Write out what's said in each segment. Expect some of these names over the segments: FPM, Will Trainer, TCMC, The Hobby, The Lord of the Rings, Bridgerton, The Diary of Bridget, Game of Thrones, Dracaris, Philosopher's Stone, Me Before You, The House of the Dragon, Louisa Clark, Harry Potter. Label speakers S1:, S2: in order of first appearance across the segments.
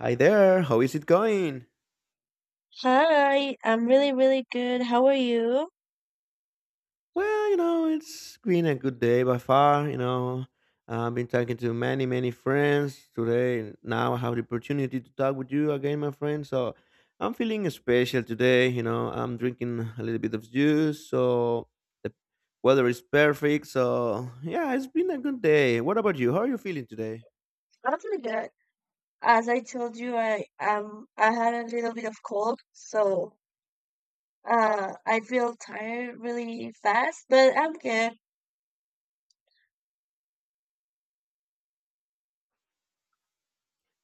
S1: Hi there, how is it going?
S2: Hi, I'm really, really good. How are you?
S1: Well, it's been a good day by far. I've been talking to many, many friends today. And Now I have the opportunity to talk with you again, my friend. So I'm feeling special today. I'm drinking a little bit of juice, so the weather is perfect. So yeah, it's been a good day. What about you? How are you feeling today?
S2: I'm really good. As I told you, I had a little bit of cold, so I feel tired really fast, but I'm good.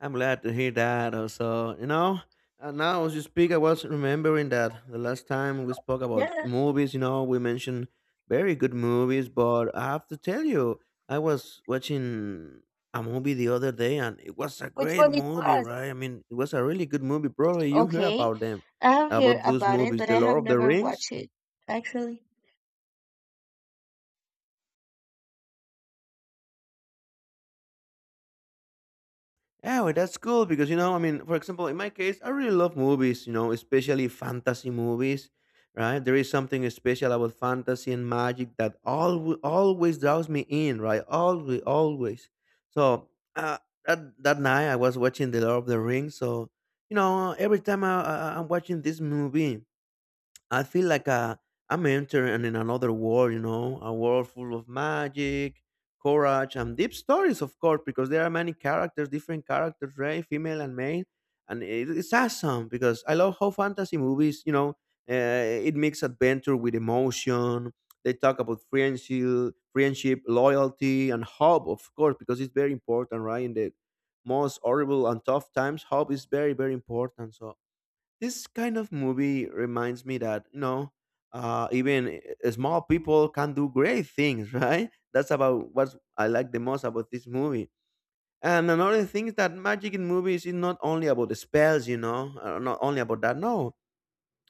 S1: I'm glad to hear that. Also, and now as you speak, I was remembering that the last time we spoke about
S2: Yeah.
S1: movies, we mentioned very good movies, but I have to tell you, I was watching a movie the other day, and it was a
S2: Which
S1: great
S2: one is
S1: movie,
S2: us?
S1: right? I mean, it was a really good movie. Probably you hear
S2: Okay.
S1: about them,
S2: I have heard
S1: about those
S2: about it,
S1: movies,
S2: but
S1: The
S2: I have
S1: Lord of the
S2: never
S1: Rings.
S2: watched it actually.
S1: Yeah, well, that's cool because I mean, for example, in my case, I really love movies, especially fantasy movies, right? There is something special about fantasy and magic that always, always draws me in, right? Always, always. So uh, that night I was watching The Lord of the Rings, so every time I'm watching this movie, I feel like I'm entering in another world, a world full of magic, courage, and deep stories, of course, because there are many characters, different characters, right? Female and male. And it's awesome because I love how fantasy movies, uh, it makes adventure with emotion. They talk about friendship, loyalty, and hope, of course, because it's very important, right? In the most horrible and tough times, hope is very, very important. So this kind of movie reminds me that even small people can do great things. Right, that's about what I like the most about this movie. And another thing is that magic in movies is not only about the spells, not only about that, no.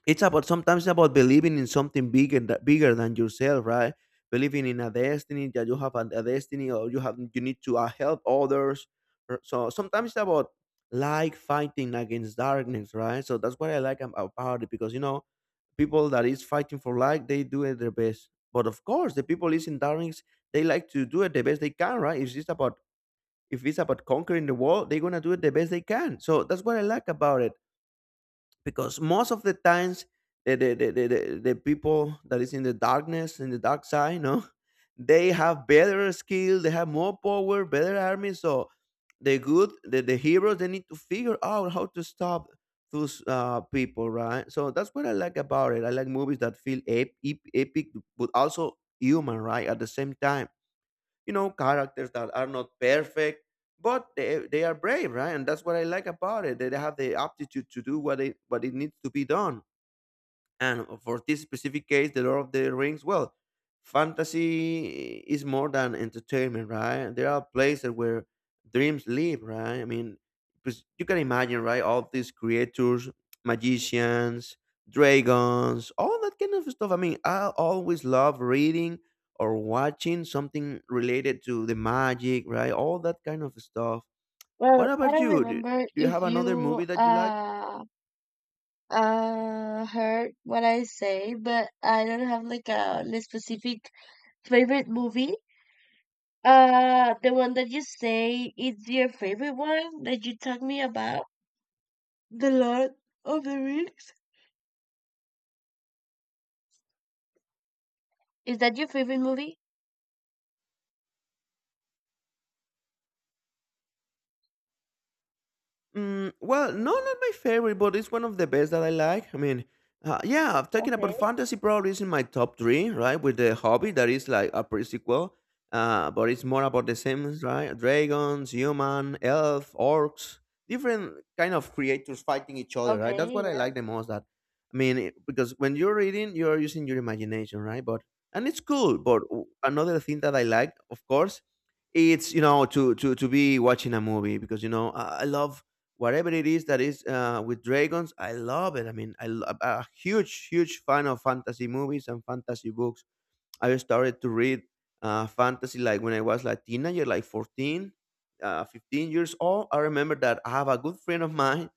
S1: It's about, sometimes, about believing in something bigger, bigger than yourself, right. Believing in a destiny that you have a destiny, or you have, you need to help others. So sometimes it's about, like, fighting against darkness, right. So that's what I like about it, because people that is fighting for light, they do it their best. But of course, the people is in darkness, they like to do it the best they can, right. If it's about conquering the world, they're gonna do it the best they can. So that's what I like about it. Because most of the times, the people that is in the darkness, in the dark side, no. They have better skill, they have more power, better army. So the heroes, they need to figure out how to stop those people, right. So that's what I like about it. I like movies that feel epic, but also human, right, at the same time. Characters that are not perfect, but they are brave, right, and that's what I like about it, that they have the aptitude to do what it needs to be done. And for this specific case, The Lord of the Rings, well, fantasy is more than entertainment, right? There are places where dreams live, right? I mean, because you can imagine, right? All these creatures, magicians, dragons, all that kind of stuff. I mean, I always love reading or watching something related to the magic, right? All that kind of stuff. What
S2: Well, I
S1: about
S2: don't
S1: you? Do,
S2: remember
S1: do you
S2: if
S1: have another
S2: you
S1: movie that you like?
S2: uh uh heard what I say, but I don't have like a specific favorite movie. The one that you say is your favorite one that you talk me about? The Lord of the Rings? Is that your favorite movie?
S1: Mm, well, no, not my favorite, but it's one of the best that I like. I mean, yeah, talking about
S2: Okay,
S1: fantasy, probably is in my top three, right? With the Hobby, that is like a prequel, but it's more about the same, right? Dragons, human, elf, orcs, different kind of creators fighting each other, right? That's
S2: okay,
S1: what I
S2: yeah,
S1: like the most. That I mean, because when you're reading, you're using your imagination, right? But and it's cool. But another thing that I like, of course, it's, to be watching a movie because I love whatever it is that is with dragons. I love it. I mean, I'm a huge, huge fan of fantasy movies and fantasy books. I started to read fantasy like when I was like teenager, like 14, 15 years old. I remember that I have a good friend of mine,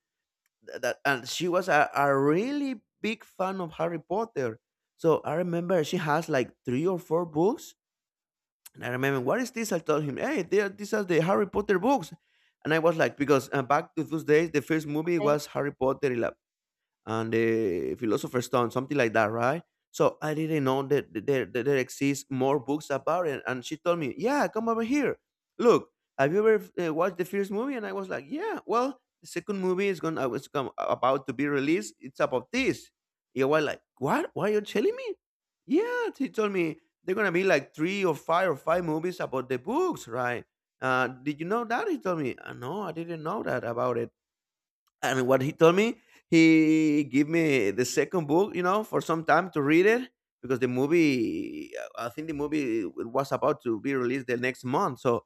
S1: that, and she was a really big fan of Harry Potter. So I remember she has like three or four books, and I remember, what is this? I told him, hey, they are, these are the Harry Potter books. And I was like, because back to those days, the first movie
S2: okay.
S1: was Harry Potter, and the Philosopher's Stone, something like that, right? So I didn't know that there exists more books about it. And she told me, yeah, come over here. Look, have you ever watched the first movie? And I was like, yeah, well, the second movie is going to, was come, about to be released. It's about this. You were like, what? Why are you telling me? Yeah, she told me they're going to be like three or five movies about the books, right? Did you know that? He told me, no, I didn't know that about it. And what he told me, he gave me the second book, for some time to read it, because the movie, I think the movie was about to be released the next month. So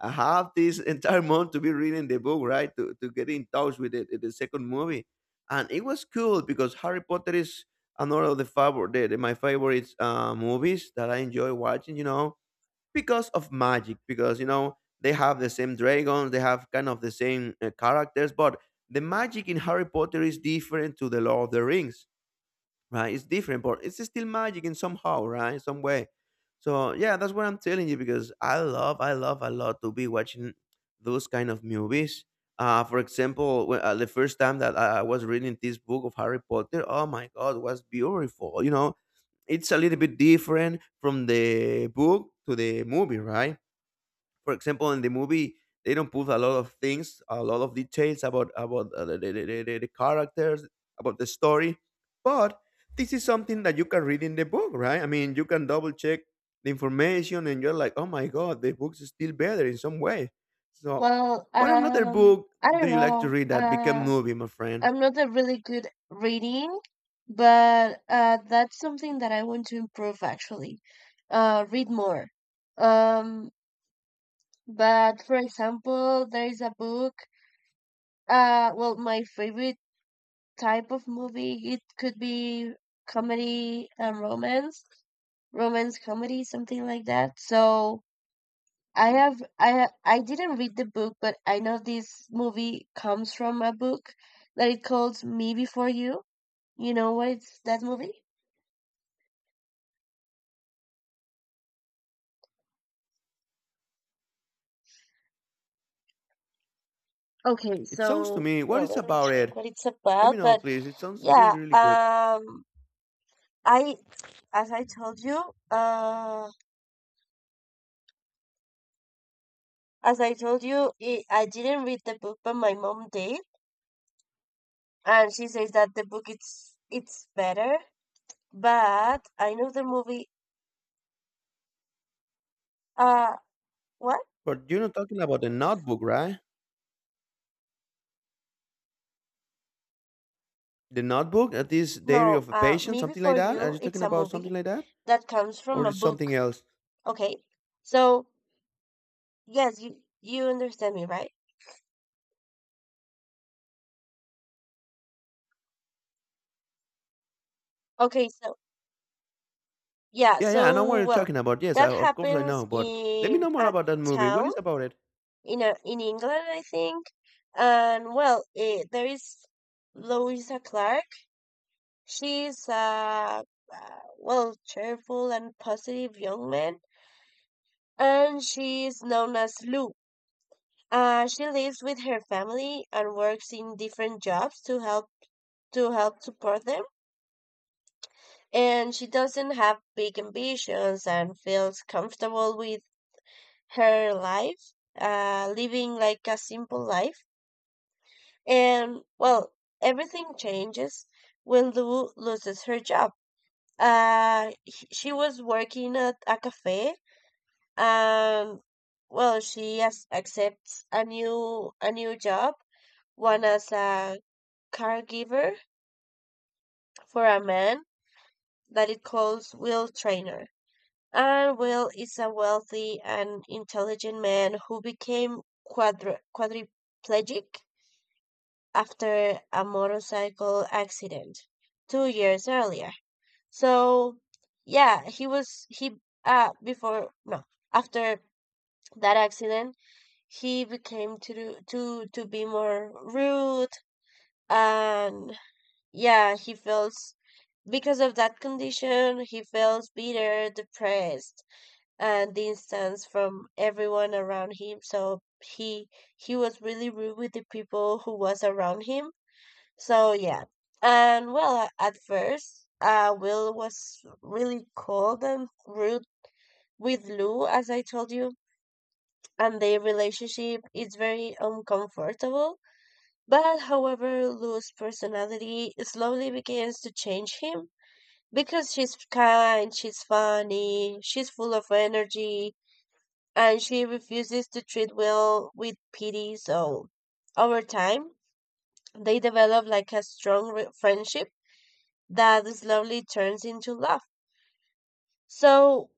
S1: I have this entire month to be reading the book, right, to get in touch with the second movie. And it was cool because Harry Potter is another of the favorite the- my favorite movies that I enjoy watching, because of magic, because they have the same dragons, they have kind of the same characters. But the magic in Harry Potter is different to The Lord of the Rings, right? It's different, but it's still magic in somehow, right? Some way. So yeah, that's what I'm telling you because I love a lot to be watching those kind of movies. For example, when, the first time that I was reading this book of Harry Potter, oh my God, was beautiful. It's a little bit different from the book to the movie, right? For example, in the movie, they don't put a lot of things, a lot of details about the characters, about the story, but this is something that you can read in the book, right? I mean, you can double check the information, and you're like, oh my God, the book's still better in some way. So,
S2: Well,
S1: what another
S2: um,
S1: book
S2: I
S1: do
S2: don't
S1: you like to
S2: know.
S1: read that became movie, my friend?
S2: I'm not a really good reading, but that's something that I want to improve actually. Read more. Um, but for example, there is a book. Well, my favorite type of movie. It could be comedy and romance, romance comedy, something like that. So I have I didn't read the book, but I know this movie comes from a book that it calls Me Before You. You know what it's that movie? Okay,
S1: It sounds to
S2: so
S1: me, what
S2: well,
S1: is
S2: let me
S1: about
S2: check
S1: it?
S2: what it's
S1: Let me
S2: about.
S1: know,
S2: But
S1: please. It sounds really,
S2: yeah,
S1: really good.
S2: I as I told you, uh, I didn't read the book, but my mom did, and she says that the book it's better, but I know the movie. Uh what
S1: But you're not talking about the notebook, right? The notebook at this diary
S2: no
S1: of a patient,
S2: Me
S1: something like
S2: Before
S1: that? Are
S2: You,
S1: you
S2: it's
S1: talking
S2: a
S1: about
S2: movie
S1: something like that?
S2: that comes from
S1: Or
S2: a
S1: is
S2: book.
S1: something else?
S2: Okay, so yes, you understand me, right? Okay. So yeah,
S1: Yeah, yeah, I know what
S2: so
S1: you're
S2: well,
S1: talking about. Yes, I,
S2: that
S1: of course I
S2: happens
S1: know. But let me
S2: in
S1: know more
S2: a
S1: about that movie. What
S2: town,
S1: is about it?
S2: in England, I think. And well, there is Louisa Clark. She's a, well, cheerful and positive young man, and she is known as Lou. She lives with her family and works in different jobs to help support them. And she doesn't have big ambitions and feels comfortable with her life, living like a simple life. And well, everything changes when Lou loses her job. She was working at a cafe. And well, she as accepts a new job, one as a caregiver for a man that it calls Will Trainer. And Will is a wealthy and intelligent man who became quadriplegic after a motorcycle accident 2 years earlier. So yeah, he was he before no after that accident, he became to do, to be more rude. And yeah, he feels, because of that condition he feels bitter, depressed, and distance from everyone around him. So he was really rude with the people who was around him. So yeah. And well, at first, Will was really cold and rude with Lou, as I told you, and their relationship is very uncomfortable. But however, Lou's personality slowly begins to change him because she's kind, she's funny, she's full of energy, and she refuses to treat Will with pity. So, over time, they develop like a friendship that slowly turns into love. So,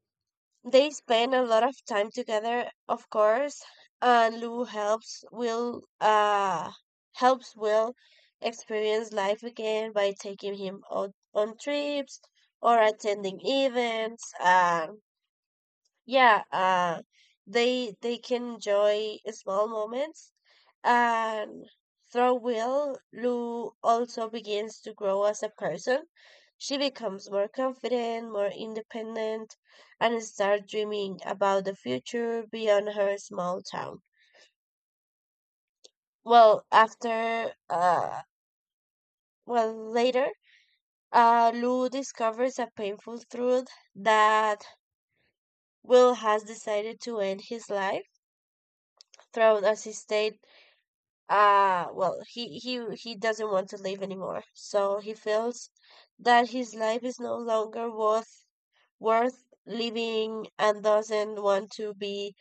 S2: they spend a lot of time together, of course, and Lou helps Will experience life again by taking him out on trips or attending events. And yeah uh they can enjoy small moments. And through Will, Lou also begins to grow as a person. She becomes more confident, more independent, and starts dreaming about the future beyond her small town. Well after well later, Lou discovers a painful truth, that Will has decided to end his life. Throughout as he stayed. Ah, well, he doesn't want to live anymore. So he feels that his life is no longer worth living and doesn't want to be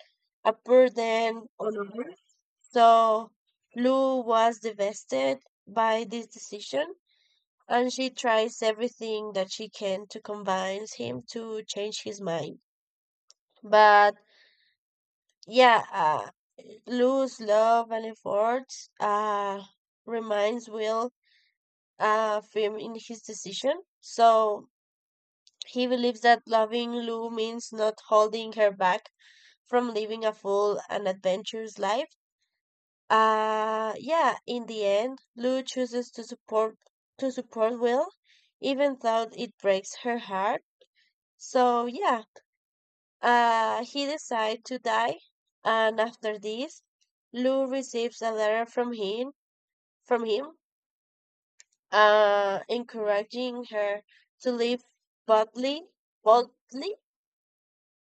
S2: a burden on others. So Lou was devastated by this decision, and she tries everything that she can to convince him to change his mind. But yeah, Lou's love and efforts reminds Will firm in his decision. So he believes that loving Lou means not holding her back from living a full and adventurous life. Yeah, in the end, Lou chooses to support Will, even though it breaks her heart. So yeah, he decides to die, and after this, Lou receives a letter from him, encouraging her to live boldly, boldly,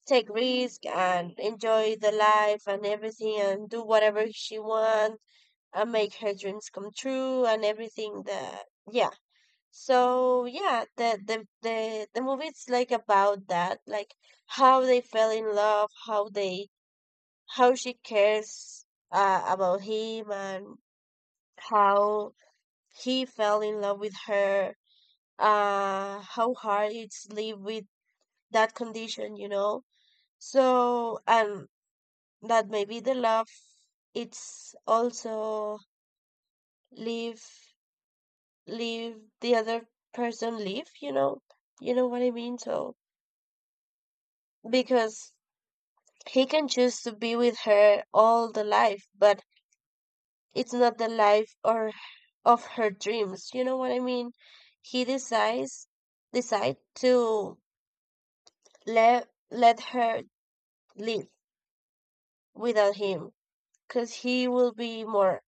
S2: take risk, and enjoy the life and everything, and do whatever she wants, and make her dreams come true, and everything. That yeah. So yeah, the movie is like about that, like how they fell in love, how they, how she cares about him, and how he fell in love with her. Uh, how hard it's live with that condition, you know. So, and that maybe the love, it's also leave, leave the other person leave, you know. You know what I mean. So, because he can choose to be with her all the life, but it's not the life or of her dreams, you know what I mean. He decides decide to let her live without him because he will be more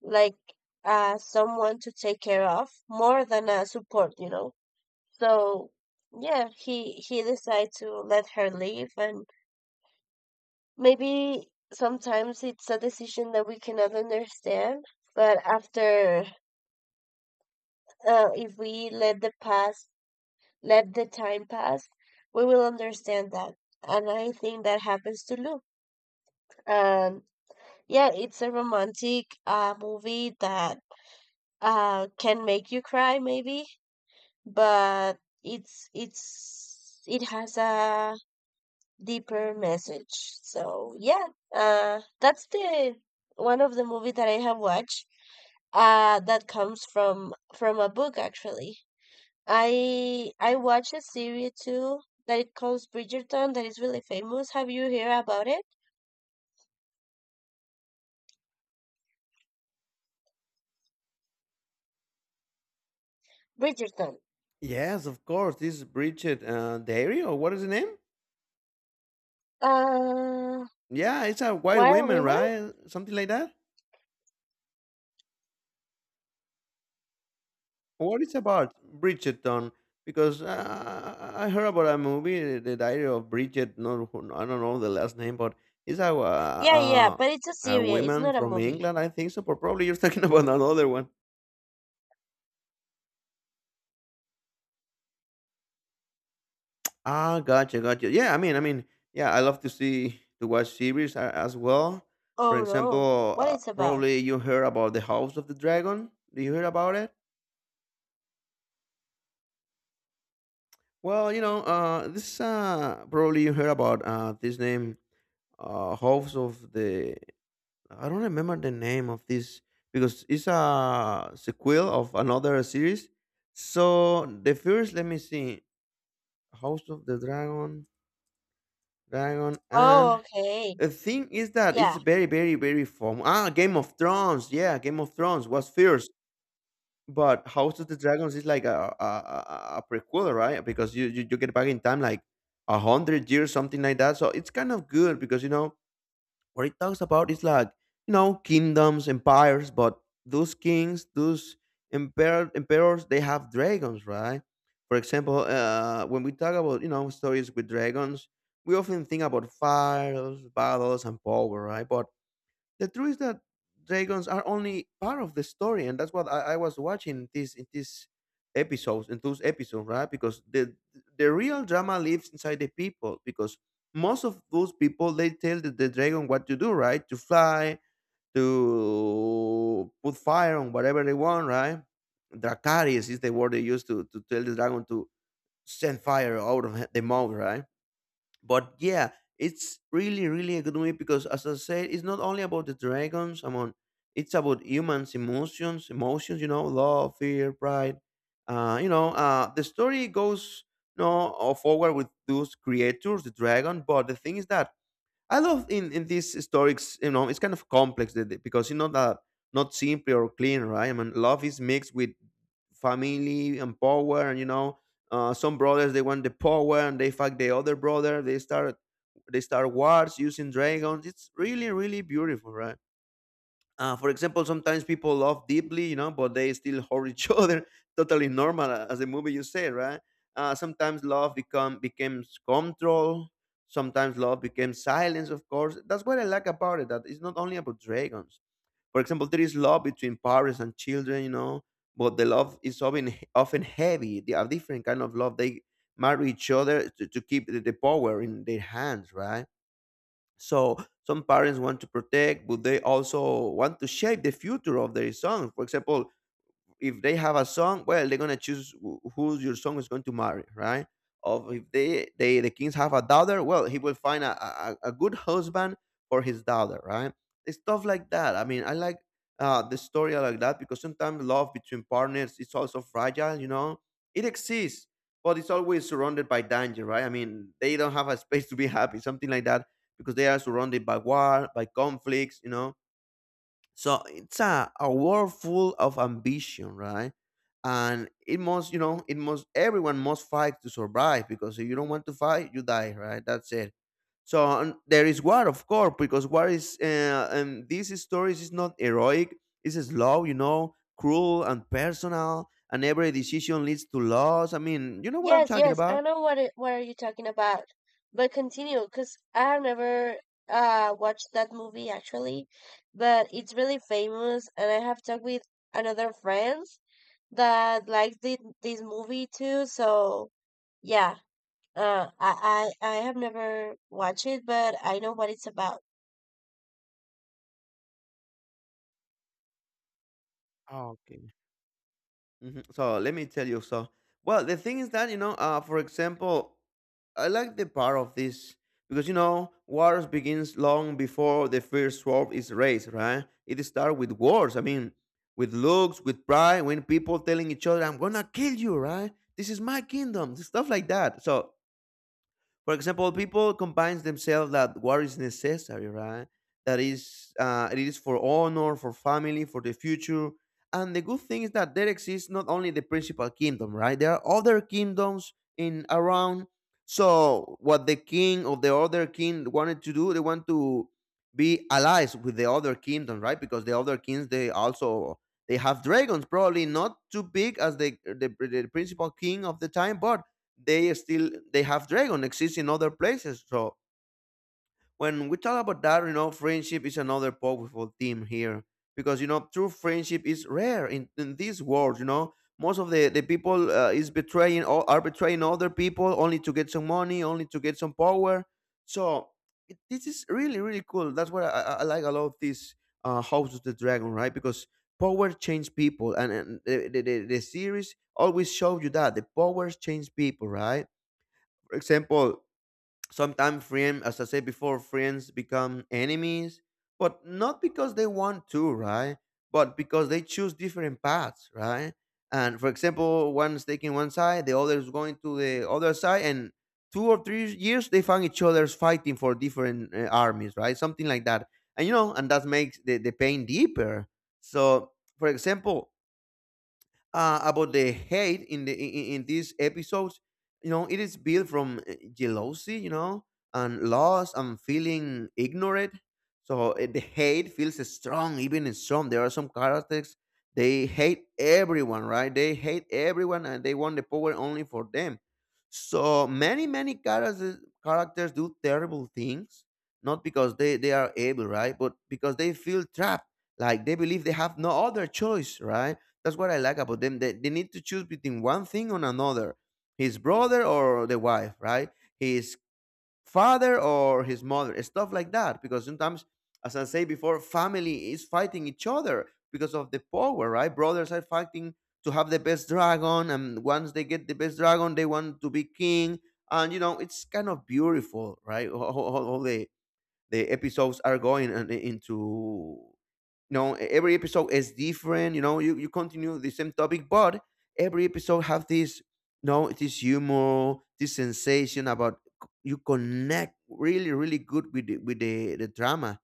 S2: like, someone to take care of more than a support, you know. So yeah, he decided to let her leave. And maybe sometimes it's a decision that we cannot understand, but after, if we let the past, let the time pass, we will understand that. And I think that happens to Luke. And yeah, it's a romantic movie that can make you cry maybe, but it's it has a deeper message. So yeah, that's the one of the movie that I have watched, that comes from a book actually. I watched a series too that it calls Bridgerton, that is really famous. Have you heard about it? Bridgerton.
S1: Yes, of course. This is Bridget Diary, or what is the name?
S2: uh
S1: Yeah, it's a white
S2: Wild
S1: woman,
S2: rumor.
S1: right? Something like that? What it's about, Bridgerton? Because I heard about a movie, The Diary of Bridget. No, I don't know the last name, but it's a,
S2: Yeah, yeah,
S1: uh,
S2: but it's a
S1: a
S2: series, it's
S1: woman
S2: not a
S1: from
S2: movie.
S1: England, I think so. But probably you're talking about another one. Ah, gotcha, gotcha. Yeah, I mean, yeah, I love to watch series as well. For
S2: Oh no.
S1: example,
S2: What it's about?
S1: probably you heard about The House of the Dragon. Do you hear about it? Well, this probably you heard about this name, House of the — I don't remember the name of this, because it's a sequel of another series. So the first, let me see, House of the Dragon,
S2: Oh,
S1: and
S2: okay.
S1: the thing is that it's
S2: Yeah.
S1: very, very, very fun. Ah, Game of Thrones, yeah, Game of Thrones was first, but House of the Dragons is like a prequel, right? Because you get back in time like 100 years, something like that. So it's kind of good because you know what it talks about is like, you know, kingdoms, empires, but those kings, those emperors, they have dragons, right? For example, when we talk about, you know, stories with dragons, we often think about fires, battles, and power, right? But the truth is that dragons are only part of the story, and that's what I was watching this in these episodes, in those episodes, right? Because the real drama lives inside the people. Because most of those people, they tell the dragon what to do, right? To fly, to put fire on whatever they want, right? Dracaris is the word they use to tell the dragon to send fire out of the mouth, right? But yeah, it's really really a good movie because, as I said, it's not only about the dragons among. It's about humans, emotions, emotions, love, fear, pride. The story goes no forward with those creators, the dragon, but the thing is that I love in these stories, you know, it's kind of complex because you know that not simple or clean, right? I mean, love is mixed with family and power, and you know, some brothers they want the power and they fuck the other brother. They start wars using dragons. It's really really beautiful, right? For example, sometimes people love deeply, you know, but they still hurt each other. Totally normal, as the movie you say, right? Sometimes love becomes control. Sometimes love becomes silence. Of course, that's what I like about it. That it's not only about dragons. For example, there is love between parents and children, you know, but the love is often often heavy. They are different kind of love. They marry each other to keep the power in their hands, right? So some parents want to protect, but they also want to shape the future of their son. For example, if they have a son, well, they're gonna choose who your son is going to marry, right? Of if the kings have a daughter, well, he will find a good husband for his daughter, right? It's stuff like that. I mean, I like the story like that because sometimes love between partners is also fragile. You know, it exists, but it's always surrounded by danger, right? I mean, they don't have a space to be happy, something like that, because they are surrounded by war, by conflicts. You know, so it's a world full of ambition, right? And it must, you know, it must, everyone must fight to survive, because if you don't want to fight, you die, right? That's it. So there is war, of course, because war is and these stories is not heroic. It's slow, you know, cruel and personal, and every decision leads to loss. I mean, you know what I'm
S2: Yes,
S1: talking
S2: yes.
S1: about.
S2: I know what it, what are you talking about. But continue, cause I have never watched that movie actually, but it's really famous and I have talked with another friends that likes this movie too, so yeah. I have never watched it, but I know what it's about.
S1: Okay. Mhm. So let me tell you. So well, the thing is that, you know, for example, I like the part of this because, you know, wars begins long before the first sword is raised, right? It starts with wars. I mean, with looks, with pride, when people telling each other, "I'm gonna kill you," right? This is my kingdom, stuff like that. So for example, people combine themselves that war is necessary, right? That is, it is for honor, for family, for the future. And the good thing is that there exists not only the principal kingdom, right? There are other kingdoms in around. So what the king of the other king wanted to do, they want to be allies with the other kingdom, right? Because the other kings, they also they have dragons, probably not too big as the principal king of the time, but they still they have dragon exists in other places. So when we talk about that, you know, friendship is another powerful theme here because, you know, true friendship is rare in this world, you know. Most of the people is betraying or are betraying other people only to get some money, only to get some power. So it, this is really really cool. That's what I like a lot of this House of the Dragon, right? Because power change people, and the series always showed you that the powers change people, right? For example, sometimes friends, as I said before, friends become enemies, but not because they want to, right? But because they choose different paths, right? And for example, one's taking one side, the other is going to the other side, and 2 or 3 years they find each other's fighting for different armies, right? Something like that, and you know, and that makes the pain deeper. So, for example, about the hate in the in these episodes, you know it is built from jealousy, you know, and loss, and feeling ignorant. So the hate feels strong, even strong. There are some characters, they hate everyone, right? They hate everyone and they want the power only for them. So many many characters, characters do terrible things, not because they are able, right, but because they feel trapped, like they believe they have no other choice, right? That's what I like about them. They need to choose between one thing or another, his brother or the wife, right? His father or his mother, stuff like that. Because sometimes, as I say before, family is fighting each other because of the power, right? Brothers are fighting to have the best dragon, and once they get the best dragon, they want to be king. And you know, it's kind of beautiful, right? All how the episodes are going and into, you know, every episode is different. You know, you continue the same topic, but every episode have this, you know, this humor, this sensation about you connect really really good with the drama.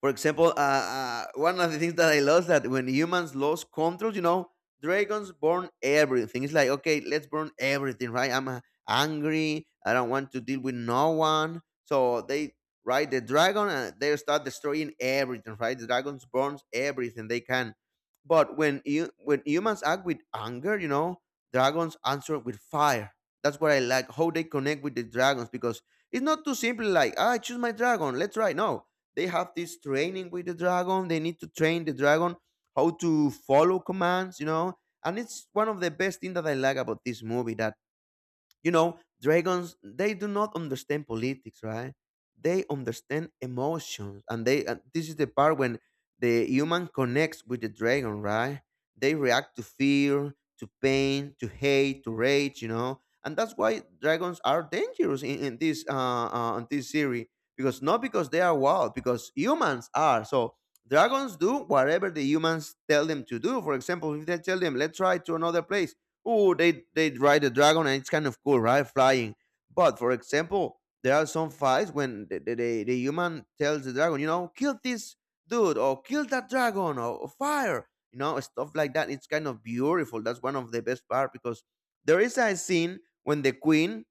S1: For example, one of the things that I lost that when humans lost control, you know, dragons burn everything. It's like, okay, let's burn everything, right? I'm angry. I don't want to deal with no one. So they ride the dragon and they start destroying everything, right? The dragons burns everything they can. But when you when humans act with anger, you know, dragons answer with fire. That's what I like, how they connect with the dragons because it's not too simple like, ah, I choose my dragon, let's try. No, they have this training with the dragon. They need to train the dragon how to follow commands, you know. And it's one of the best things that I like about this movie that, you know, dragons, they do not understand politics, right? They understand emotions. And they and this is the part when the human connects with the dragon, right? They react to fear, to pain, to hate, to rage, you know. And that's why dragons are dangerous in this in this series. Because not because they are wild, because humans are. So dragons do whatever the humans tell them to do. For example, if they tell them, let's try to another place, oh they ride the dragon and it's kind of cool, right, flying. But for example, there are some fights when the human tells the dragon, you know, kill this dude or kill that dragon or fire, you know, stuff like that. It's kind of beautiful. That's one of the best part because there is a scene when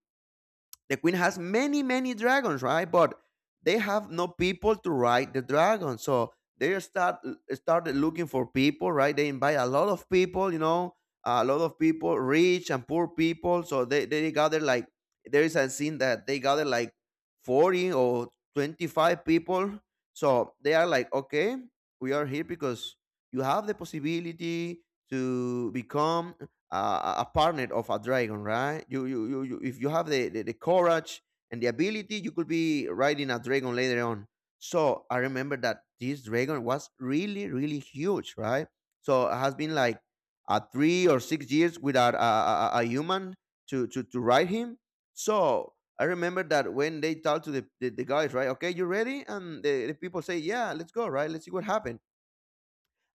S1: the queen has many, many dragons, right? But they have no people to ride the dragon. So they start started looking for people, right? They invite a lot of people, you know, a lot of people, rich and poor people. So they gather like, there is a scene that they gather like 40 or 25 people. So they are like, okay, we are here because you have the possibility to become a partner of a dragon, right? You if you have the courage and the ability, you could be riding a dragon later on. So I remember that this dragon was really, really huge, right? So it has been like 3 or 6 years without a human to ride him. So I remember that when they talk to the guys, right? Okay, you ready? And the people say, yeah, let's go, right? Let's see what happened.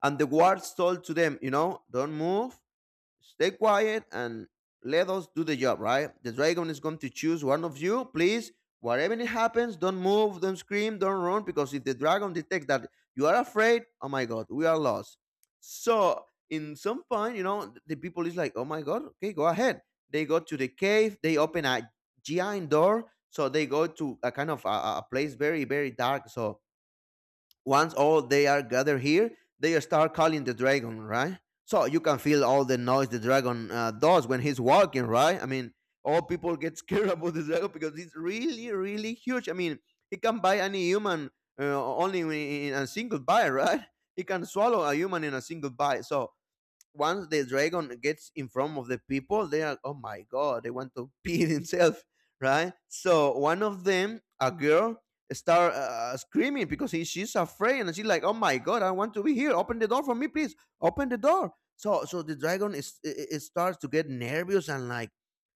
S1: And the guards told to them, you know, don't move. Stay quiet and let us do the job, right? The dragon is going to choose one of you. Please, whatever it happens, don't move, don't scream, don't run, because if the dragon detects that you are afraid, oh my god, we are lost. So in some point, you know, the people is like, oh my god, okay, go ahead. They go to the cave, they open a giant door, so they go to a kind of a place very dark. So once all they are gathered here, they start calling the dragon, right? So you can feel all the noise the dragon does when he's walking, right? I mean, all people get scared about the dragon because it's really huge. I mean, he can buy any human only in a single bite, right? He can swallow a human in a single bite. So once the dragon gets in front of the people, they are oh my god, they want to pee themselves, right? So one of them, a girl, start screaming because she's afraid and she's like, oh my god, I want to be here. Open the door for me, please. Open the door. So the dragon is it, it starts to get nervous and like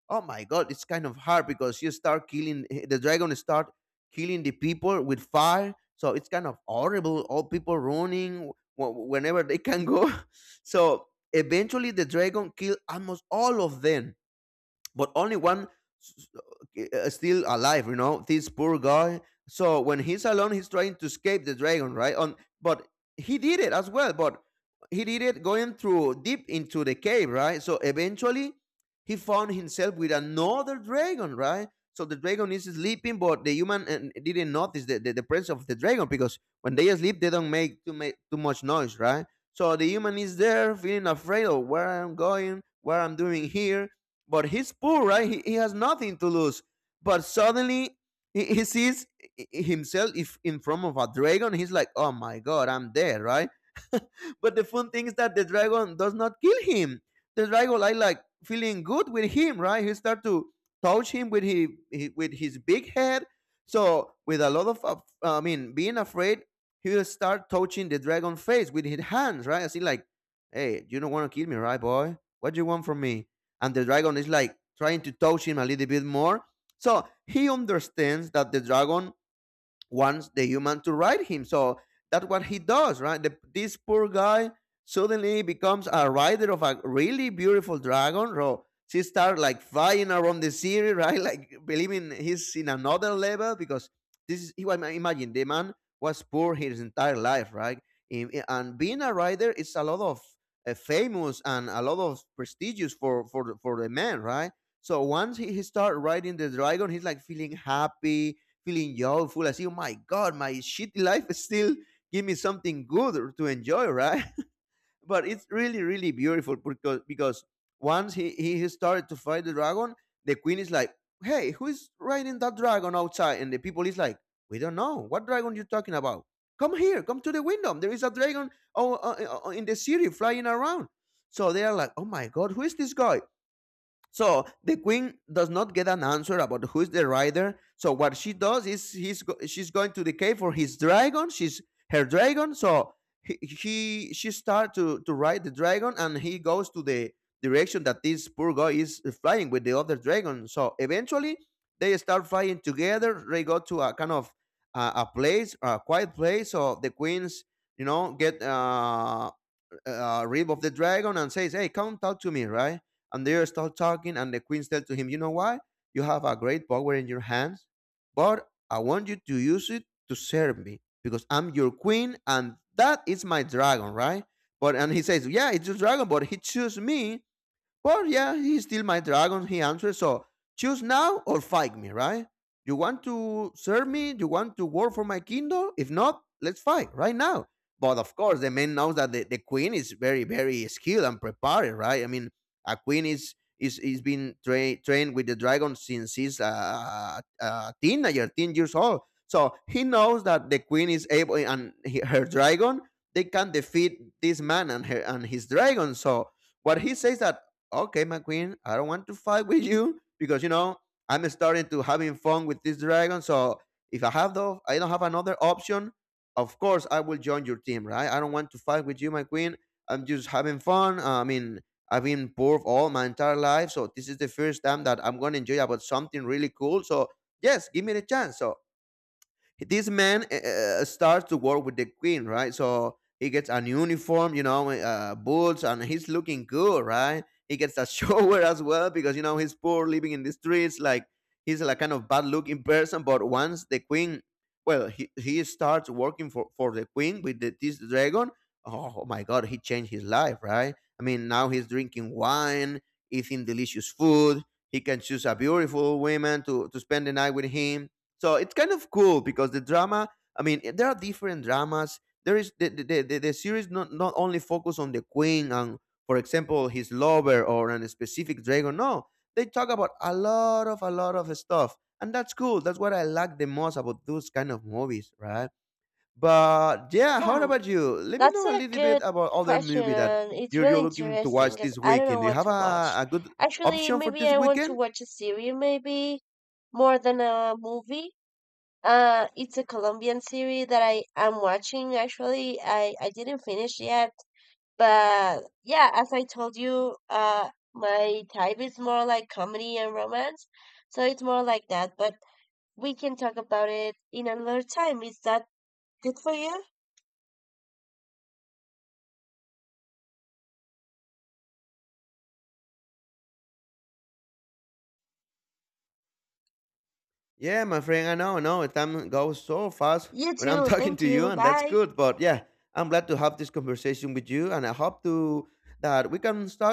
S1: oh my god, it's kind of hard because you start killing, the dragon start killing the people with fire, so it's kind of horrible, all people running whenever they can go. So eventually the dragon killed almost all of them, but only one s- still alive, you know, this poor guy. So when he's alone, he's trying to escape the dragon, right on, but he did it as well. But he did it going through deep into the cave, right? So eventually he found himself with another dragon, right? So the dragon is sleeping, but the human didn't notice the, the presence of the dragon, because when they sleep they don't make too much noise, right? So the human is there feeling afraid of where I'm going, what I'm doing here. But he's poor, right? He has nothing to lose. But suddenly he sees himself if in front of a dragon. He's like, oh my God, I'm dead, right? But the fun thing is that the dragon does not kill him. The dragon, I like feeling good with him, right? He start to touch him with his big head. So with a lot of, I mean, being afraid, he will start touching the dragon face with his hands, right? I see like, hey, you don't want to kill me, right, boy? What do you want from me? And the dragon is like trying to touch him a little bit more. So he understands that the dragon wants the human to ride him. So that's what he does, right? This poor guy suddenly becomes a rider of a really beautiful dragon. So she starts like flying around the city, right? Like believing he's in another level, because this is, you imagine, the man was poor his entire life, right? And being a rider is a lot of famous and a lot of prestigious for for the man, right? So once he started riding the dragon, he's like feeling happy, feeling joyful, as you, my God, my shitty life is still give me something good to enjoy, right? But it's really beautiful, because once he started to fight the dragon, the queen is like, "Hey, who is riding that dragon outside?" And the people is like, "We don't know. What dragon you talking about? Come here, come to the window. There is a dragon, oh, in the city flying around." So they are like, "Oh my God, who is this guy?" So the queen does not get an answer about who is the rider. So what she does is she's going to the cave for his dragon. She's her dragon. So he she starts to ride the dragon, and he goes to the direction that this poor guy is flying with the other dragon. So eventually they start flying together. They go to a kind of a place, a quiet place. So the queens, you know, get rib of the dragon and says, "Hey, come talk to me," right? And they start talking, and the queen said to him, "You know why? You have a great power in your hands, but I want you to use it to serve me, because I'm your queen, and that is my dragon, right?" But and he says, "Yeah, it's your dragon, but he chose me, but yeah, he's still my dragon," he answered. "So choose now or fight me, right? You want to serve me? You want to work for my kingdom? If not, let's fight right now." But of course, the man knows that the queen is very skilled and prepared, right? I mean, a queen is been trained with the dragon since he's a teenager, 10 years old. So he knows that the queen is able, and her dragon, they can defeat this man and her and his dragon. So what he says that, okay, McQueen, I don't want to fight with you, because you know I'm starting to having fun with this dragon. So if I have the, I don't have another option, of course I will join your team, right? I don't want to fight with you, McQueen. I'm just having fun. I mean, I've been poor all my entire life, so this is the first time that I'm gonna enjoy about something really cool. So yes, give me the chance. So this man starts to work with the queen, right? So he gets a new uniform, you know, boots, and he's looking good, right? He gets a shower as well, because you know he's poor, living in the streets. Like he's like kind of bad looking person. But once the queen, well, he starts working for the queen with the, this dragon. Oh my god, he changed his life, right? I mean, now he's drinking wine, eating delicious food. He can choose a beautiful woman to spend the night with him. So it's kind of cool because the drama. I mean, there are different dramas. There is the series, not only focus on the queen and, for example, his lover, or on a specific dragon. No, they talk about a lot of, a lot of stuff, and that's cool. That's what I like the most about those kind of movies, right? But yeah, how
S2: Hmm,
S1: about you? Let me
S2: that's
S1: know a
S2: a
S1: little bit
S2: good
S1: about other
S2: question.
S1: movie that
S2: And it's really
S1: you're looking to watch
S2: interesting because
S1: this
S2: I don't know
S1: weekend. Do you
S2: what
S1: have
S2: to watch.
S1: a good
S2: Actually,
S1: option for
S2: maybe
S1: this
S2: I want to
S1: weekend?
S2: watch a series, maybe more than a movie. It's a Colombian series that I am watching. Actually, I didn't finish yet, but yeah, as I told you, my type is more like comedy and romance, so it's more like that. But we can talk about it in another time. Is that good for you?
S1: Yeah, my friend, I know, I know. Time goes so fast
S2: You
S1: when I'm
S2: too.
S1: talking
S2: Thank
S1: to you,
S2: you.
S1: and that's
S2: Bye.
S1: good. But yeah, I'm glad to have this conversation with you, and I hope to that we can talk